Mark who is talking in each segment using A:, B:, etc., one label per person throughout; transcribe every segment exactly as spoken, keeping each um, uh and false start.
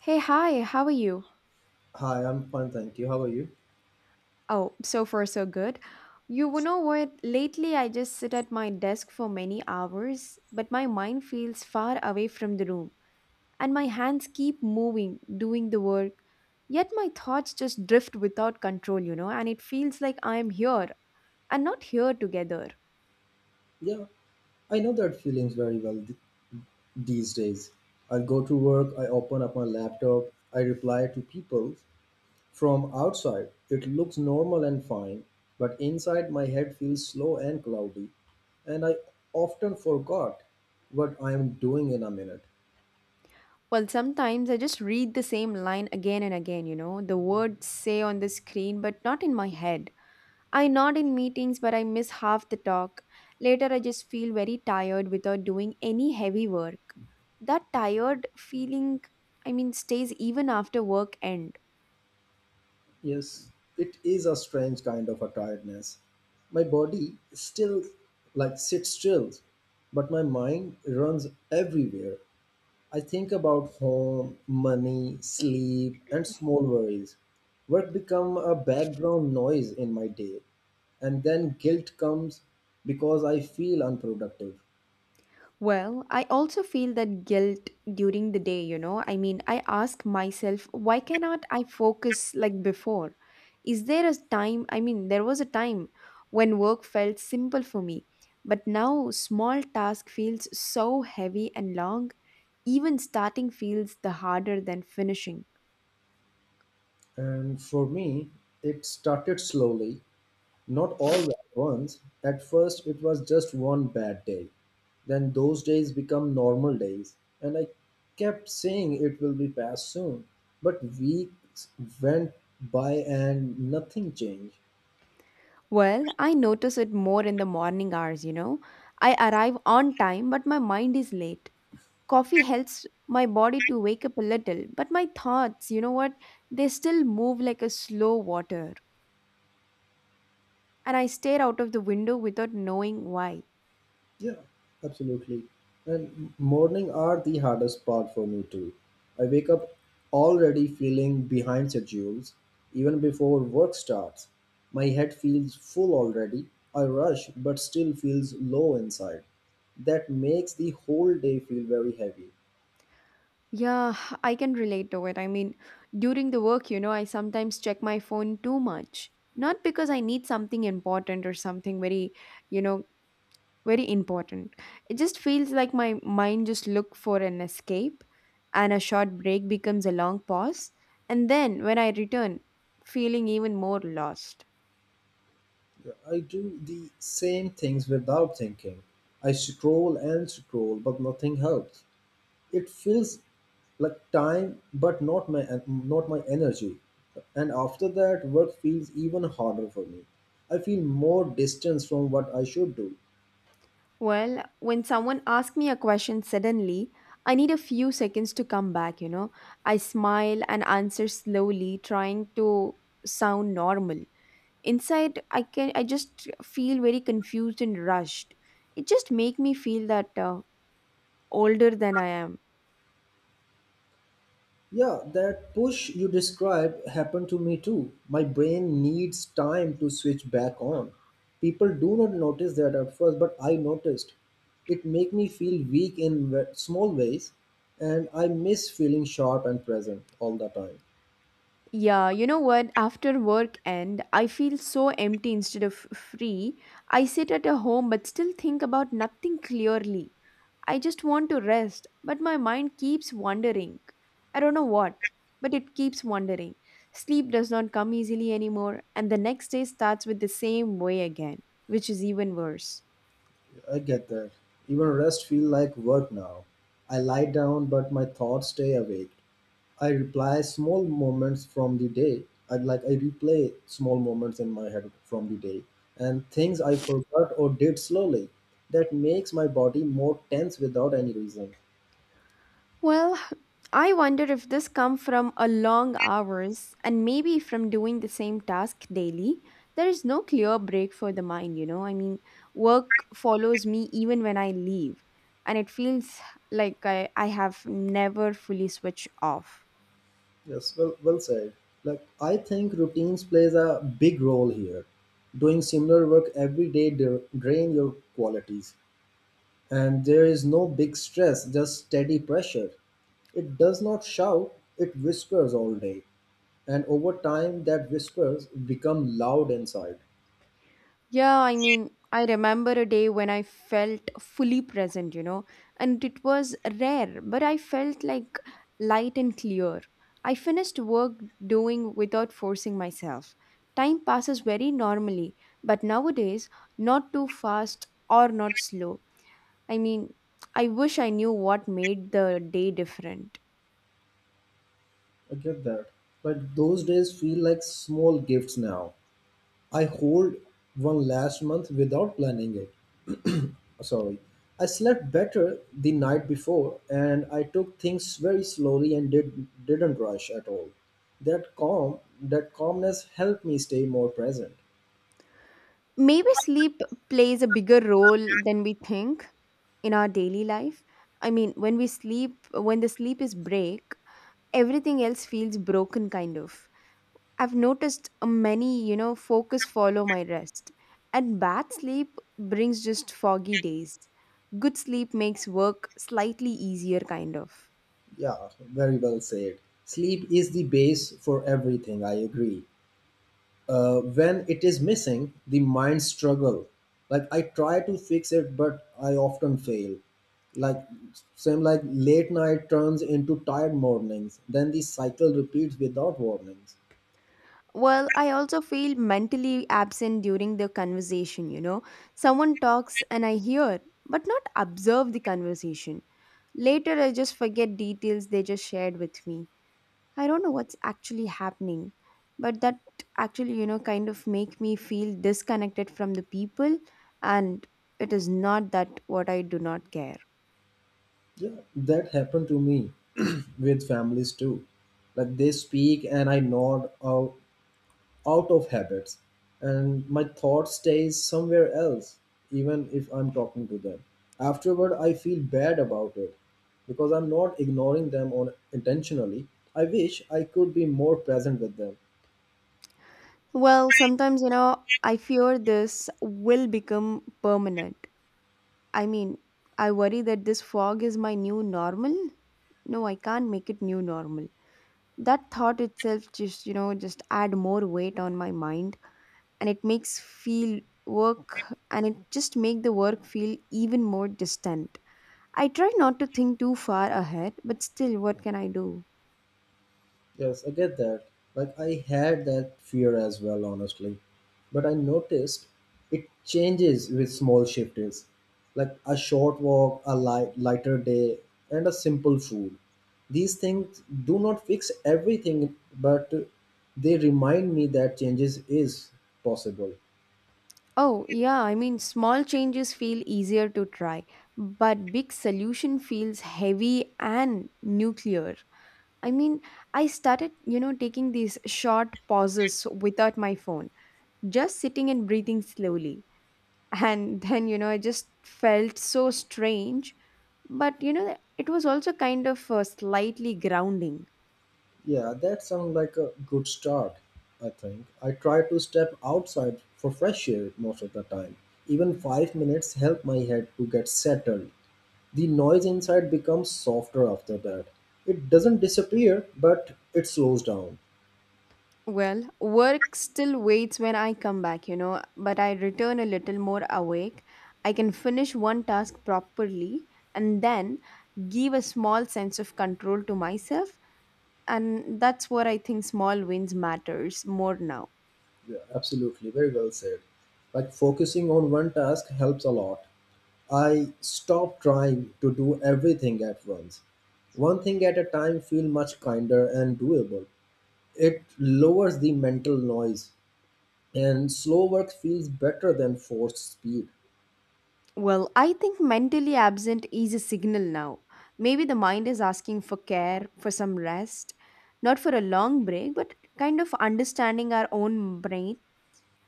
A: Hey, hi, how are you?
B: Hi, I'm fine, thank you. How are you?
A: Oh, so far so good. You know what? Lately, I just sit at my desk for many hours, but my mind feels far away from the room, and my hands keep moving, doing the work. Yet my thoughts just drift without control, you know, and it feels like I am here and not here together.
B: Yeah, I know that feelings very well th- these days. I go to work, I open up my laptop, I reply to people from outside. It looks normal and fine, but inside my head feels slow and cloudy, and I often forgot what I am doing in a minute.
A: Well, sometimes I just read the same line again and again, you know, the words say on the screen, but not in my head. I nod in meetings, but I miss half the talk. Later, I just feel very tired without doing any heavy work. That tired feeling, I mean, stays even after work end.
B: Yes, it is a strange kind of a tiredness. My body still like sits still, but my mind runs everywhere. I think about home, money, sleep, and small worries. Work become a background noise in my day, and then guilt comes because I feel unproductive.
A: Well, I also feel that guilt during the day, you know. I mean, I ask myself, why cannot I focus like before? Is there a time? I mean, there was a time when work felt simple for me, but now small task feels so heavy and long. Even starting feels the harder than finishing.
B: And for me, it started slowly, not all at once. At first, it was just one bad day. Then those days become normal days, and I kept saying it will be past soon. But weeks went by and nothing changed.
A: Well, I notice it more in the morning hours, you know. I arrive on time, but my mind is late. Coffee helps my body to wake up a little, but my thoughts, you know what, they still move like a slow water, and I stare out of the window without knowing why.
B: Yeah, absolutely. And m- morning are the hardest part for me too. I wake up already feeling behind schedules, even before work starts. My head feels full already. I rush, but still feels low inside. That makes the whole day feel very heavy.
A: Yeah, I can relate to it. I mean, during the work you know i sometimes check my phone too much, not because I need something important or something very you know very important. It just feels like my mind just look for an escape, and a short break becomes a long pause, and then when I return, feeling even more lost.
B: I do the same things without thinking. I scroll and scroll, but nothing helps. It feels like time, but not my not my energy. And after that, work feels even harder for me. I feel more distance from what I should do.
A: Well, when someone asks me a question suddenly, I need a few seconds to come back you know i smile and answer slowly, trying to sound normal. Inside, i can i just feel very confused and rushed. It just make me feel that uh, older than I am.
B: Yeah, that push you described happened to me too. My brain needs time to switch back on. People do not notice that at first, but I noticed. It make me feel weak in ve- small ways, and I miss feeling sharp and present all the time.
A: Yeah, you know what? After work end, I feel so empty instead of free. I sit at a home but still think about nothing clearly. I just want to rest, but my mind keeps wandering. I don't know what, but it keeps wandering. Sleep does not come easily anymore, and the next day starts with the same way again, which is even worse.
B: I get that. Even rest feel like work now. I lie down but my thoughts stay awake. I reply small moments from the day. I like I replay small moments in my head from the day and things I forgot or did slowly. That makes my body more tense without any reason.
A: Well, I wonder if this come from a long hours and maybe from doing the same task daily. There is no clear break for the mind, you know. I mean, work follows me even when I leave, and it feels like I, I have never fully switched off.
B: Yes, well well said. Like I think routines plays a big role here. Doing similar work every day dra- drain your qualities, and there is no big stress, just steady pressure. It does not shout, it whispers all day. And over time, that whispers become loud inside.
A: Yeah, I mean, I remember a day when I felt fully present, you know, and it was rare, but I felt like light and clear. I finished work doing without forcing myself. Time passes very normally, but nowadays, not too fast or not slow. I mean, I wish I knew what made the day different.
B: I get that. But those days feel like small gifts now. I hold one last month without planning it. Sorry. I slept better the night before and I took things very slowly and did, didn't rush at all. That calm, that calmness helped me stay more present.
A: Maybe sleep plays a bigger role than we think in our daily life. I mean, when we sleep, when the sleep is break, everything else feels broken, kind of. I've noticed uh, many, you know, focus follow my rest. And bad sleep brings just foggy days. Good sleep makes work slightly easier, kind of.
B: Yeah, very well said. Sleep is the base for everything, I agree. Uh, when it is missing, the mind struggle. Like I try to fix it, but I often fail. Like same like late night turns into tired mornings. Then the cycle repeats without warnings.
A: Well, I also feel mentally absent during the conversation, you know. Someone talks and I hear, but not observe the conversation. Later, I just forget details they just shared with me. I don't know what's actually happening, but that actually, you know, kind of make me feel disconnected from the people, and it is not that what I do not care.
B: Yeah, that happened to me with families too. Like they speak and I nod uh, out of habits, and my thought stays somewhere else even if I'm talking to them. Afterward I feel bad about it because I'm not ignoring them on intentionally. I wish I could be more present with them.
A: Well, sometimes, you know, I fear this will become permanent. I mean, I worry that this fog is my new normal. No, I can't make it new normal. That thought itself just, you know, just add more weight on my mind, and it makes feel work, and it just make the work feel even more distant. I try not to think too far ahead, but still, what can I do?
B: Yes, I get that. Like, I had that fear as well, honestly. But I noticed it changes with small shifts, like a short walk, a light, lighter day, and a simple food. These things do not fix everything, but they remind me that changes is possible.
A: Oh yeah, I mean, small changes feel easier to try, but big solution feels heavy and nuclear. I mean, I started you know taking these short pauses without my phone, just sitting and breathing slowly, and then you know it just felt so strange, but you know it was also kind of uh, slightly grounding.
B: Yeah, that sounds like a good start, I think. I try to step outside for fresh air most of the time. Even five minutes help my head to get settled. The noise inside becomes softer after that. It doesn't disappear, but it slows down.
A: Well, work still waits when I come back you know but I return a little more awake. I can finish one task properly, and then give a small sense of control to myself, and that's where I think small wins matters more now.
B: Yeah, absolutely. Very well said. Like focusing on one task helps a lot. I stop trying to do everything at once. One thing at a time feel much kinder and doable. It lowers the mental noise, and slow work feels better than forced speed.
A: Well, I think mentally absent is a signal now. Maybe the mind is asking for care, for some rest, not for a long break, but kind of understanding our own brain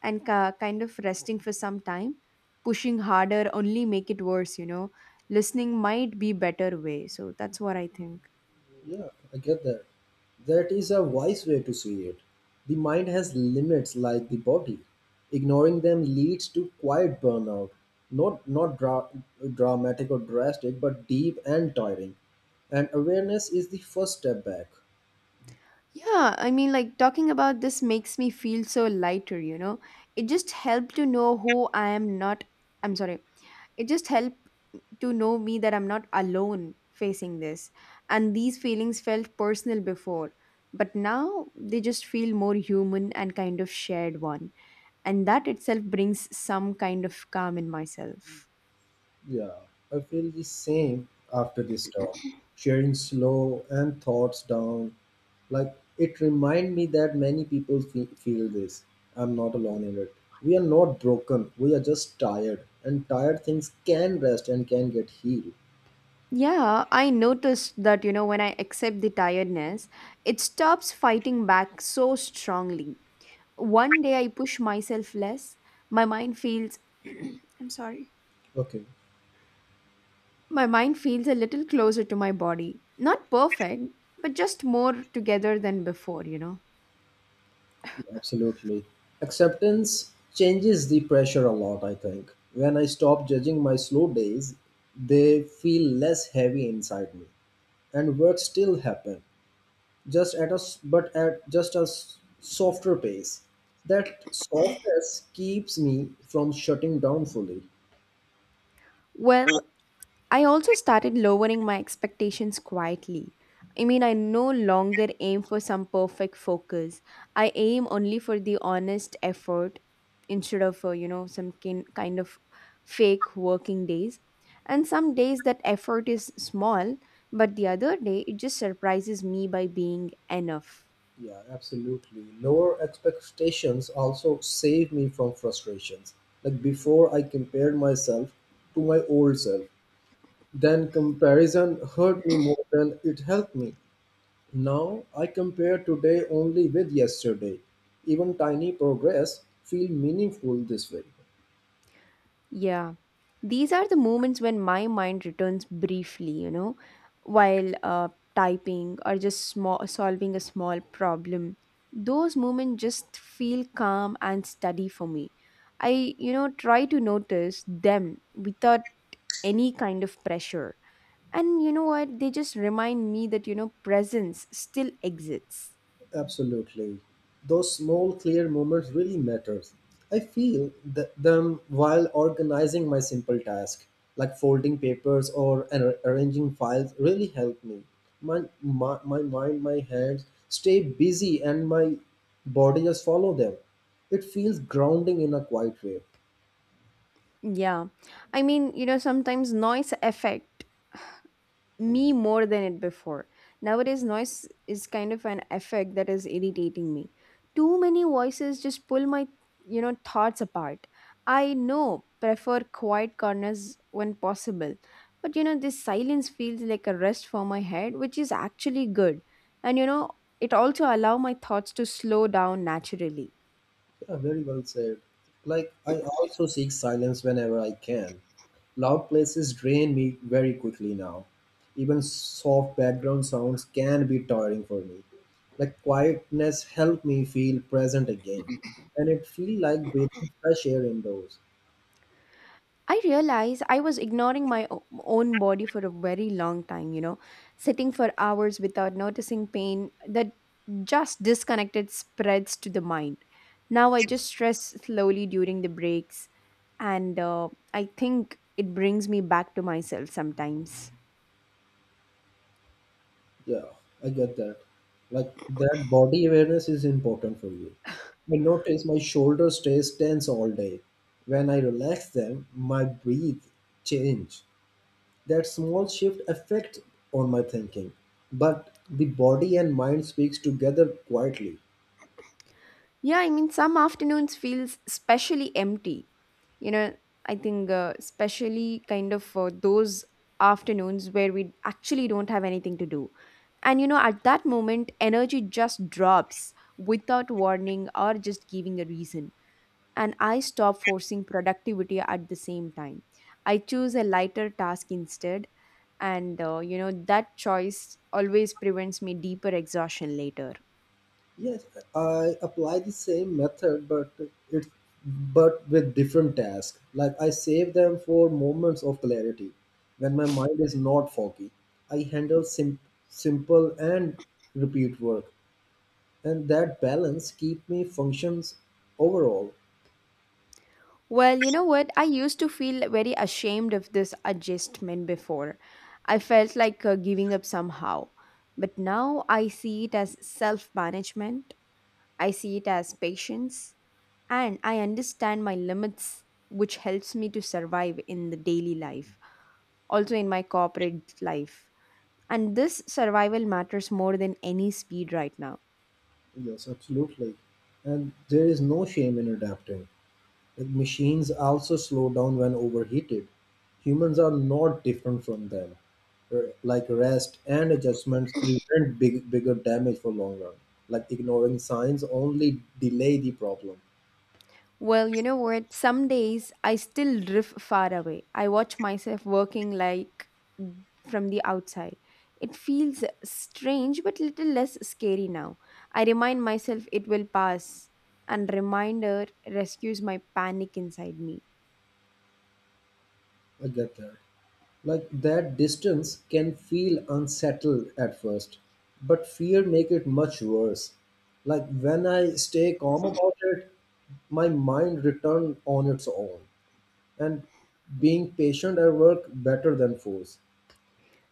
A: and ca- kind of resting for some time. Pushing harder only make it worse, you know. Listening might be better way. So that's what I think.
B: Yeah, I get that. That is a wise way to see it. The mind has limits like the body. Ignoring them leads to quiet burnout. Not not dra- dramatic or drastic, but deep and tiring. And awareness is the first step back.
A: Yeah, I mean, like talking about this makes me feel so lighter, you know. It just helped to know who I am not. I'm sorry. It just helped to know me that I'm not alone facing this. And these feelings felt personal before, but now they just feel more human and kind of shared one. And that itself brings some kind of calm in myself.
B: Yeah, I feel the same after this talk. Sharing slow and thoughts down, like it remind me that many people fe- feel this. I'm not alone in it. We are not broken. We are just tired, and tired things can rest and can get healed.
A: Yeah, I noticed that, you know, when I accept the tiredness, it stops fighting back so strongly. One day I push myself less, my mind feels, I'm sorry.
B: Okay,
A: My mind feels a little closer to my body. Not perfect, but just more together than before, you know.
B: absolutely. Acceptance changes the pressure a lot. I think when I stop judging my slow days, they feel less heavy inside me, and work still happen just at a s- but at just a s- softer pace. That softness keeps me from shutting down fully.
A: Well, I also started lowering my expectations quietly. I mean, I no longer aim for some perfect focus. I aim only for the honest effort instead of, uh, you know, some kin- kind of fake working days. And some days that effort is small, but the other day it just surprises me by being enough.
B: Yeah, absolutely. Lower expectations also save me from frustrations. Like before I compared myself to my old self, then comparison hurt me more than it helped me. Now I compare today only with yesterday. Even tiny progress feel meaningful this way.
A: Yeah. These are the moments when my mind returns briefly, you know, while uh, typing or just small, solving a small problem. Those moments just feel calm and steady for me. I, you know, try to notice them without any kind of pressure. And you know what? They just remind me that, you know, presence still exists.
B: Absolutely. Those small clear moments really matter. I feel th- them while organizing my simple task, like folding papers or ar- arranging files really help me. My, my, my mind, my hands stay busy and my body just follow them. It feels grounding in a quiet way.
A: Yeah. I mean, you know, sometimes noise affect me more than it before. Nowadays, noise is kind of an effect that is irritating me. Too many voices just pull my, you know, thoughts apart. I know prefer quiet corners when possible, but you know, this silence feels like a rest for my head, which is actually good. And you know, it also allow my thoughts to slow down naturally.
B: Yeah, very well said. Like I also seek silence whenever I can. Loud places drain me very quickly now. Even soft background sounds can be tiring for me. Like quietness helped me feel present again. And it feel like breathing fresh air indoors.
A: I realize I was ignoring my o- own body for a very long time, you know, sitting for hours without noticing pain that just disconnected spreads to the mind. Now I just stress slowly during the breaks, and uh, I think it brings me back to myself sometimes.
B: Yeah, I get that. Like that body awareness is important for you. I notice my shoulders stays tense all day. When I relax them, my breathe change. That small shift affect on my thinking, but the body and mind speaks together quietly.
A: Yeah, I mean, some afternoons feels especially empty you know i think uh, especially kind of for those afternoons where we actually don't have anything to do, and you know at that moment energy just drops without warning or just giving a reason, and I stop forcing productivity at the same time. I choose a lighter task instead, and uh, you know that choice always prevents me deeper exhaustion later.
B: Yes, I apply the same method, but it's but with different tasks. Like I save them for moments of clarity when my mind is not foggy. I handle sim- simple and repeat work, and that balance keep me functions overall.
A: Well, you know what? I used to feel very ashamed of this adjustment before. I felt like uh, giving up somehow. But now I see it as self management, I see it as patience, and I understand my limits, which helps me to survive in the daily life, also in my corporate life. And this survival matters more than any speed right now.
B: Yes, absolutely. And there is no shame in adapting. Machines also slow down when overheated. Humans are not different from them. R- Like rest and adjustments prevent big, bigger damage for long run. Like ignoring signs only delay the problem.
A: Well, you know what? Some days I still drift far away. I watch myself working like from the outside. It feels strange but little less scary now. I remind myself it will pass, and reminder rescues my panic inside me.
B: I get that. Like that distance can feel unsettled at first, but fear make it much worse. Like when I stay calm about it, my mind return on its own, and being patient at work better than force.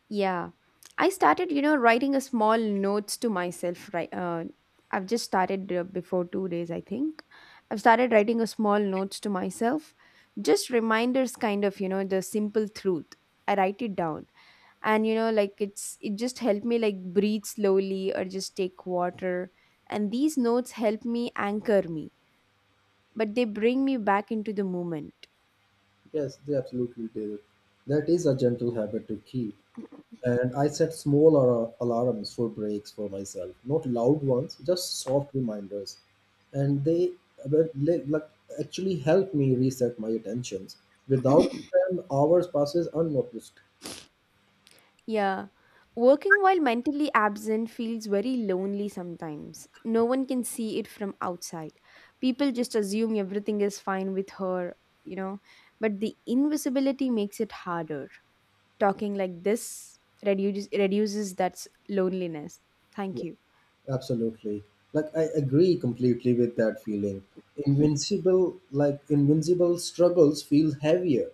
A: Yeah. I started, you know, writing a small notes to myself. Right, uh, I've just started uh, before two days, I think. I've started writing a small notes to myself, just reminders, kind of, you know, the simple truth. I write it down, and you know like it's it just helped me like breathe slowly or just take water, and these notes help me anchor me, but they bring me back into the moment.
B: Yes, they absolutely do. That is a gentle habit to keep. And I set small ar- alarms for breaks for myself, not loud ones, just soft reminders. And they were li- like actually help me reset my attentions. Without them, hours passes unnoticed.
A: Yeah, working while mentally absent feels very lonely sometimes. No one can see it from outside. People just assume everything is fine with her you know but the invisibility makes it harder. Talking like this reduces reduces that s- loneliness
B: Yeah,
A: Thank you.
B: absolutely. Like I agree completely with that feeling. Invincible, like invincible struggles feel heavier,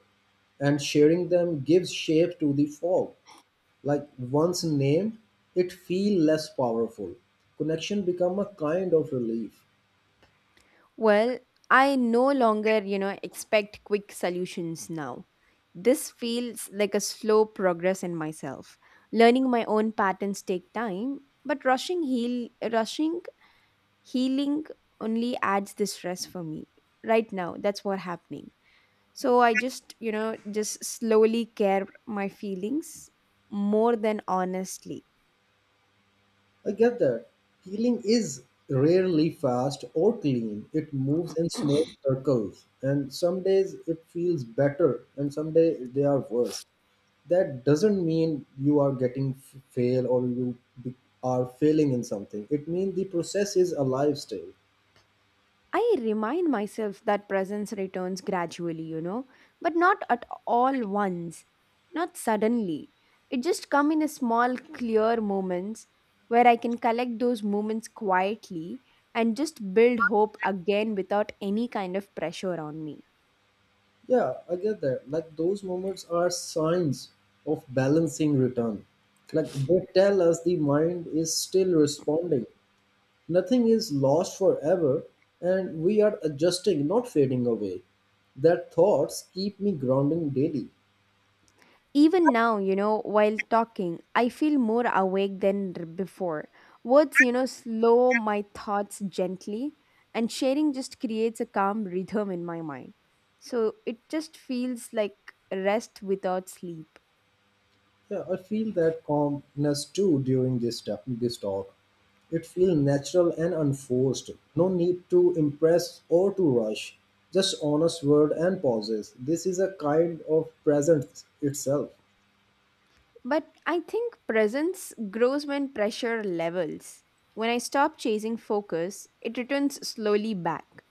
B: and sharing them gives shape to the fog. Like once named, it feel less powerful. Connection become a kind of relief.
A: Well, I no longer, you know, expect quick solutions now. This feels like a slow progress in myself. Learning my own patterns take time, but rushing heal rushing healing only adds the stress for me. Right now, that's what happening. So I just, you know, just slowly care my feelings more than honestly.
B: I get that. Healing is rarely fast or clean. It moves in small circles, and some days it feels better and some days they are worse. That doesn't mean you are getting f- fail or you be- are failing in something. It means the process is alive still.
A: I remind myself that presence returns gradually, you know, but not at all once, not suddenly. It just come in a small clear moments where I can collect those moments quietly and just build hope again without any kind of pressure on me.
B: Yeah, I get that. Like those moments are signs of balancing return. Like they tell us the mind is still responding. Nothing is lost forever, and we are adjusting, not fading away. That thoughts keep me grounding daily.
A: Even now, you know, while talking, I feel more awake than r- before. Words, you know, slow my thoughts gently, and sharing just creates a calm rhythm in my mind. So it just feels like rest without sleep.
B: Yeah, I feel that calmness too during this, ta- this talk. It feels natural and unforced. No need to impress or to rush. Just honest word and pauses. This is a kind of presence itself.
A: But I think presence grows when pressure levels. When I stop chasing focus, it returns slowly back.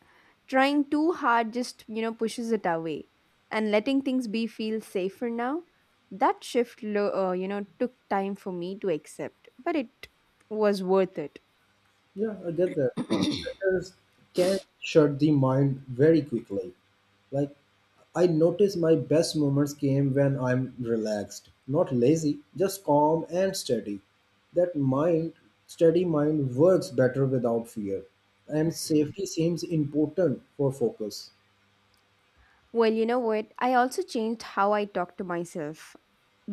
A: Trying too hard just, you know, pushes it away. And letting things be feel safer now, that shift, lo- uh, you know, took time for me to accept, but it was worth it.
B: Yeah, I get that. Letters can shut the mind very quickly. Like I notice my best moments came when I'm relaxed, not lazy, just calm and steady. That mind, steady mind works better without fear. And safety seems important for focus.
A: Well, you know what? I also changed how I talk to myself.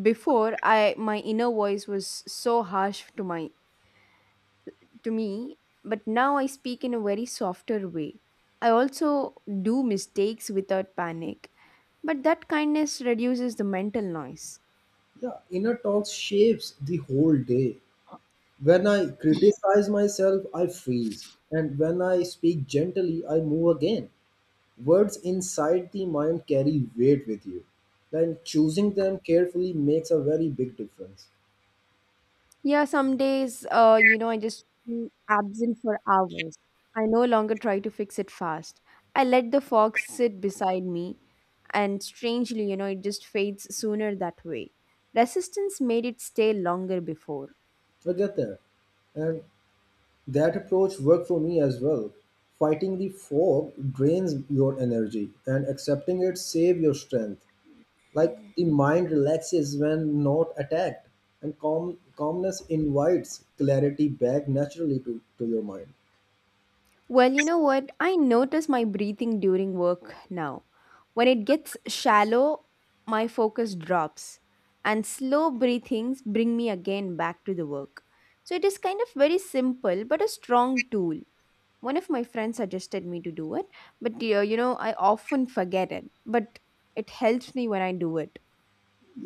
A: Before, I my inner voice was so harsh to my to me, but now I speak in a very softer way. I also do mistakes without panic, but that kindness reduces the mental noise.
B: Yeah, inner talk shapes the whole day. When I criticize myself, I freeze. And when I speak gently, I move again. Words inside the mind carry weight with you. And choosing them carefully makes a very big difference.
A: Yeah, some days, uh, you know, I just be absent for hours. I no longer try to fix it fast. I let the fog sit beside me, and strangely, you know, it just fades sooner that way. Resistance made it stay longer before.
B: I get that. And that approach worked for me as well. Fighting the fog drains your energy, and accepting it saves your strength. Like the mind relaxes when not attacked, and calm calmness invites clarity back naturally to, to your mind.
A: Well, you know what? I notice my breathing during work now. When it gets shallow, my focus drops, and slow breathings bring me again back to the work. So it is kind of very simple but a strong tool. One of my friends suggested me to do it, but dear, you know, I often forget it, but it helps me when I do it.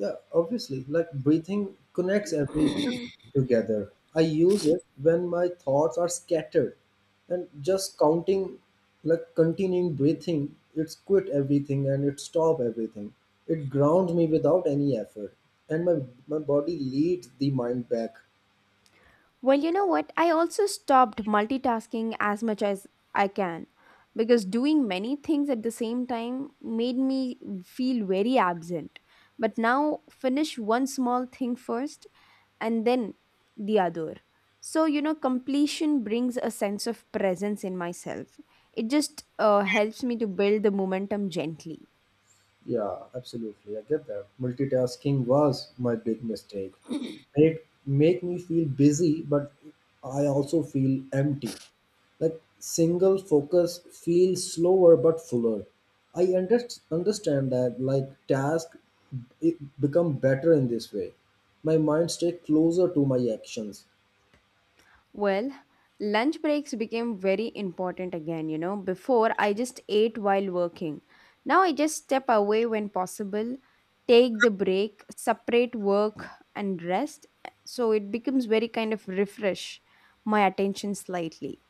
B: Yeah, obviously, like breathing connects every together. I use it when my thoughts are scattered, and just counting like continuing breathing, it's quit everything and it stop everything. It grounds me without any effort, and my, my body leads the mind back.
A: Well, you know what? I also stopped multitasking as much as I can because doing many things at the same time made me feel very absent. But now, finish one small thing first and then the other. So, you know, completion brings a sense of presence in myself. It just uh, helps me to build the momentum gently.
B: Yeah, absolutely. I get that. Multitasking was my big mistake. It make me feel busy, but I also feel empty. Like single focus feels slower but fuller. I under- understand that like task it become better in this way. My mind stay closer to my actions.
A: Well, lunch breaks became very important again, you know. Before, I just ate while working. Now, I just step away when possible, take the break, separate work and rest. So it becomes very kind of refresh my attention slightly.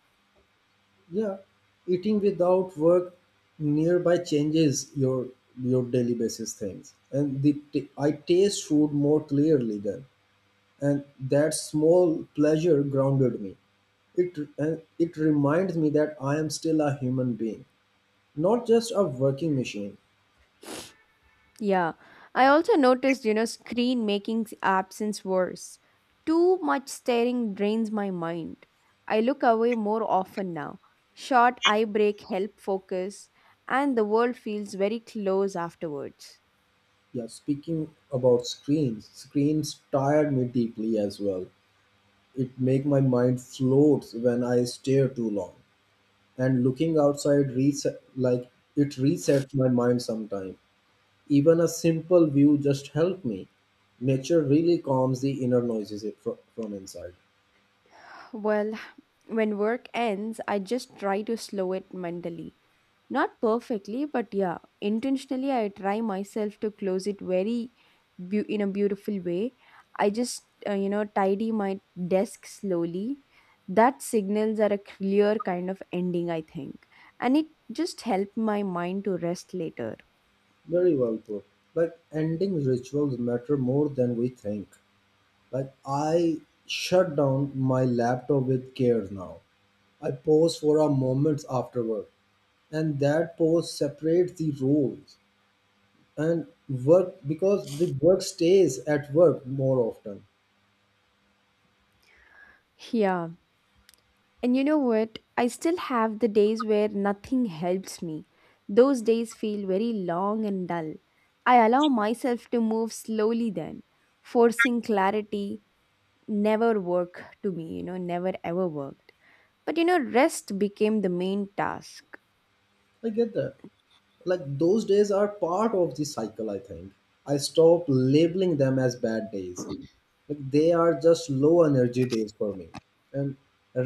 B: Yeah, eating without work nearby changes your your daily basis things, and the t- I taste food more clearly then, and that small pleasure grounded me. It and it reminds me that I am still a human being, not just a working machine.
A: Yeah, I also noticed, you know, screen making s- absence worse. Too much staring drains my mind. I look away more often now. Short eye break help focus, and the world feels very close afterwards.
B: Yeah, speaking about screens, screens tired me deeply as well. It make my mind float when I stare too long. And looking outside reset, like it resets my mind sometime, even a simple view just helped me. Nature really calms the inner noises it fro- from inside.
A: Well, when work ends, I just try to slow it mentally. Not perfectly, but yeah, intentionally I try myself to close it very beau in a beautiful way. I just, uh, you know, tidy my desk slowly. That signals are a clear kind of ending, I think. And it just helped my mind to rest later.
B: Very well put, like ending rituals matter more than we think. Like, I shut down my laptop with care now, I pause for a moment afterward, and that pause separates the roles. And work because the work stays at work more often.
A: Yeah. And you know what? I still have the days where nothing helps me. Those days feel very long and dull. I allow myself to move slowly then, forcing clarity never work to me you know never ever worked but you know rest became the main task.
B: I get that. Like those days are part of the cycle, I think. I stop labeling them as bad days, like they are just low energy days for me. And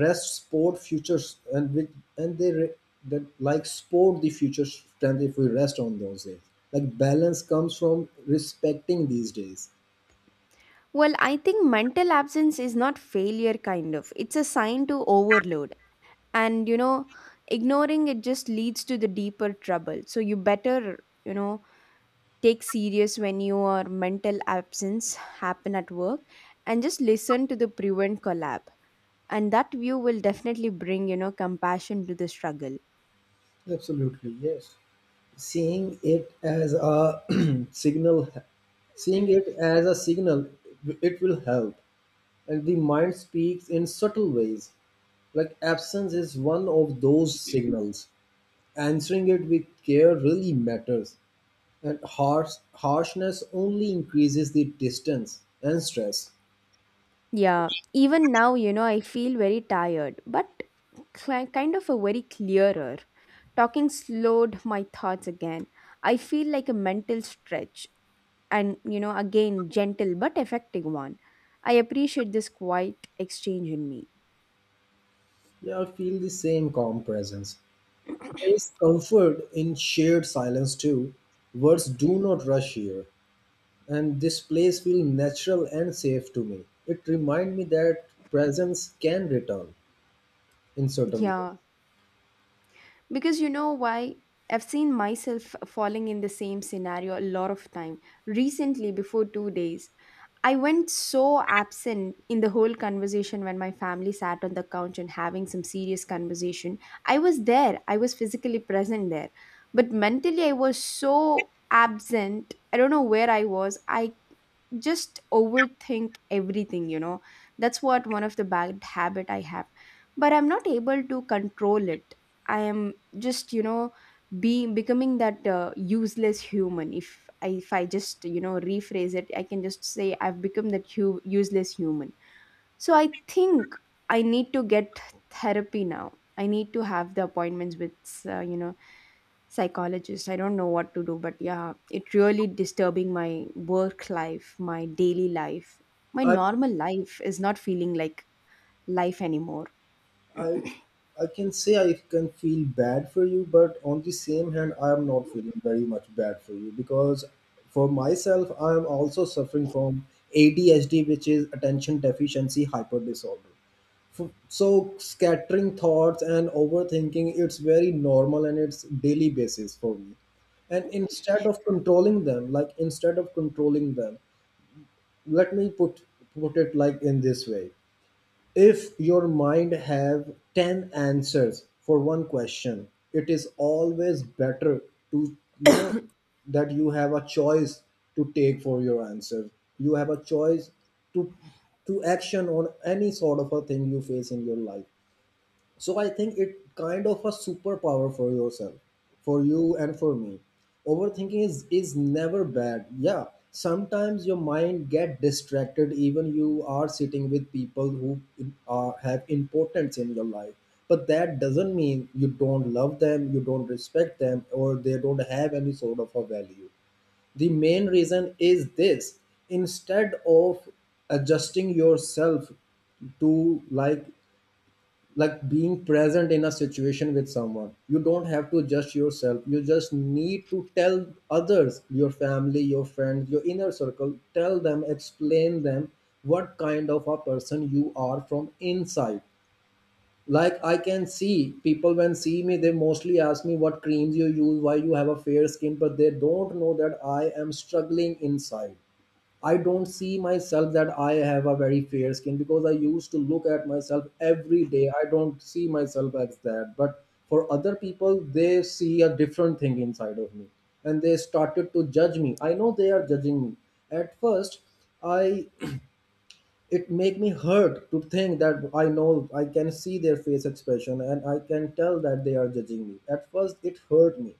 B: rest sport futures and with and they re, that, like, sport the future strength if we rest on those days. Like balance comes from respecting these days.
A: Well, I think mental absence is not failure, kind of it's a sign to overload. And you know ignoring it just leads to the deeper trouble, so you better, you know take serious when your mental absence happen at work, and just listen to the prevent collab, and that view will definitely bring, you know compassion to the struggle.
B: Absolutely, yes. seeing it as a signal Seeing it as a signal, it will help. And the mind speaks in subtle ways. Like absence is one of those signals. Answering it with care really matters, and harsh, harshness only increases the distance and stress.
A: Yeah, even now, you know, I feel very tired, but cli- kind of a very clearer. Talking slowed my thoughts again. I feel like a mental stretch, and, you know, again, gentle but effective one. I appreciate this quiet exchange in me.
B: Yeah, I feel the same calm presence. There is comfort in shared silence too. Words do not rush here, and this place feels natural and safe to me. It reminds me that presence can return in certain
A: Yeah. Because you know why? I've seen myself falling in the same scenario a lot of time. Recently, before two days, I went so absent in the whole conversation when my family sat on the couch and having some serious conversation. I was there, I was physically present there, but mentally I was so absent. I don't know where I was. I just overthink everything, you know that's what one of the bad habit I have, but I'm not able to control it. I am just, you know be becoming that uh, useless human. If I, if I just, you know rephrase it, I can just say I've become that hu- useless human. So I think I need to get therapy now. I need to have the appointments with, uh, you know psychologist. I don't know what to do, but yeah, it really disturbing my work life, my daily life, my
B: ways.
A: normal life is not feeling like life anymore.
B: I I can say I can feel bad for you, but on the same hand, I am not feeling very much bad for you because for myself, I am also suffering from A D H D, which is attention deficiency hyper disorder. F- So scattering thoughts and overthinking, it's very normal and it's daily basis for me. And instead of controlling them, like instead of controlling them, let me put put it like in this way: if your mind have ten answers for one question, it is always better to, you know, that you have a choice to take for your answer. You have a choice to to action on any sort of a thing you face in your life. So I think it kind of a superpower for yourself, for you and for me. Overthinking is is never bad. Yeah, sometimes your mind get distracted. Even you are sitting with people who are, have importance in your life, but that doesn't mean you don't love them, you don't respect them, or they don't have any sort of a value. The main reason is this: instead of adjusting yourself to like like being present in a situation with someone, you don't have to judge yourself, you just need to tell others, your family, your friends, your inner circle, tell them, explain them what kind of a person you are from inside. Like, I can see people when see me, they mostly ask me what creams you use, why you have a fair skin, but they don't know that I am struggling inside. I don't see myself that I have a very fair skin because I used to look at myself every day. I don't see myself as that, but for other people, they see a different thing inside of me, and they started to judge me. I know they are judging me. At first, I it make me hurt to think that I know I can see their face expression and I can tell that they are judging me. At first it hurt me,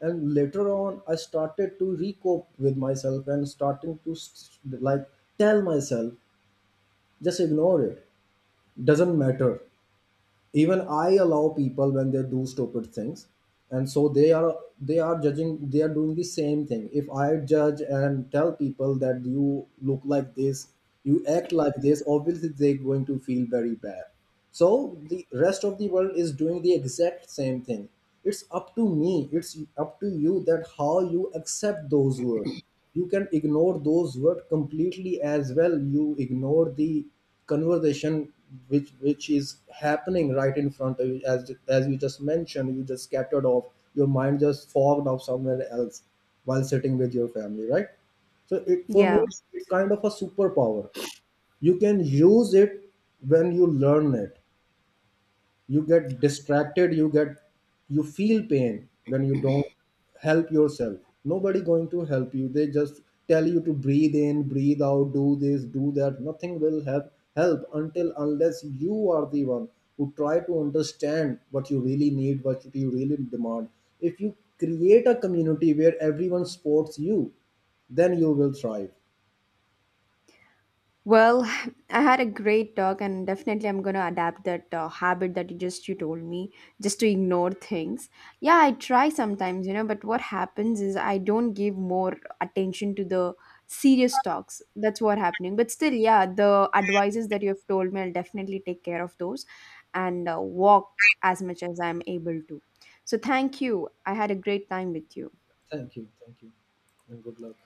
B: and later on I started to recoup with myself and starting to s- like tell myself just ignore it, doesn't matter. Even I allow people when they do stupid things, and so they are they are judging, they are doing the same thing. If I judge and tell people that you look like this, you act like this, obviously they're going to feel very bad. So the rest of the world is doing the exact same thing. It's up to me, it's up to you that how you accept those words. You can ignore those words completely as well. You ignore the conversation which which is happening right in front of you, as as you just mentioned, you just scattered off, your mind just fogged off somewhere else while sitting with your family, right? So it, for me,
A: Yeah.
B: it's kind of a superpower. You can use it when you learn it. You get distracted, you get, you feel pain when you don't help yourself. Nobody going to help you, they just tell you to breathe in, breathe out, do this, do that. Nothing will help help until unless you are the one who try to understand what you really need, what you really demand. If you create a community where everyone supports you, then you will thrive.
A: Well, I had a great talk, and definitely I'm gonna adapt that uh, habit that you just you told me, just to ignore things. Yeah, I try sometimes, you know, but what happens is I don't give more attention to the serious talks. That's what happening. But still, yeah, the advices that you have told me, I'll definitely take care of those, and uh, walk as much as I'm able to. So thank you. I had a great time with you.
B: Thank you, thank you, and good luck.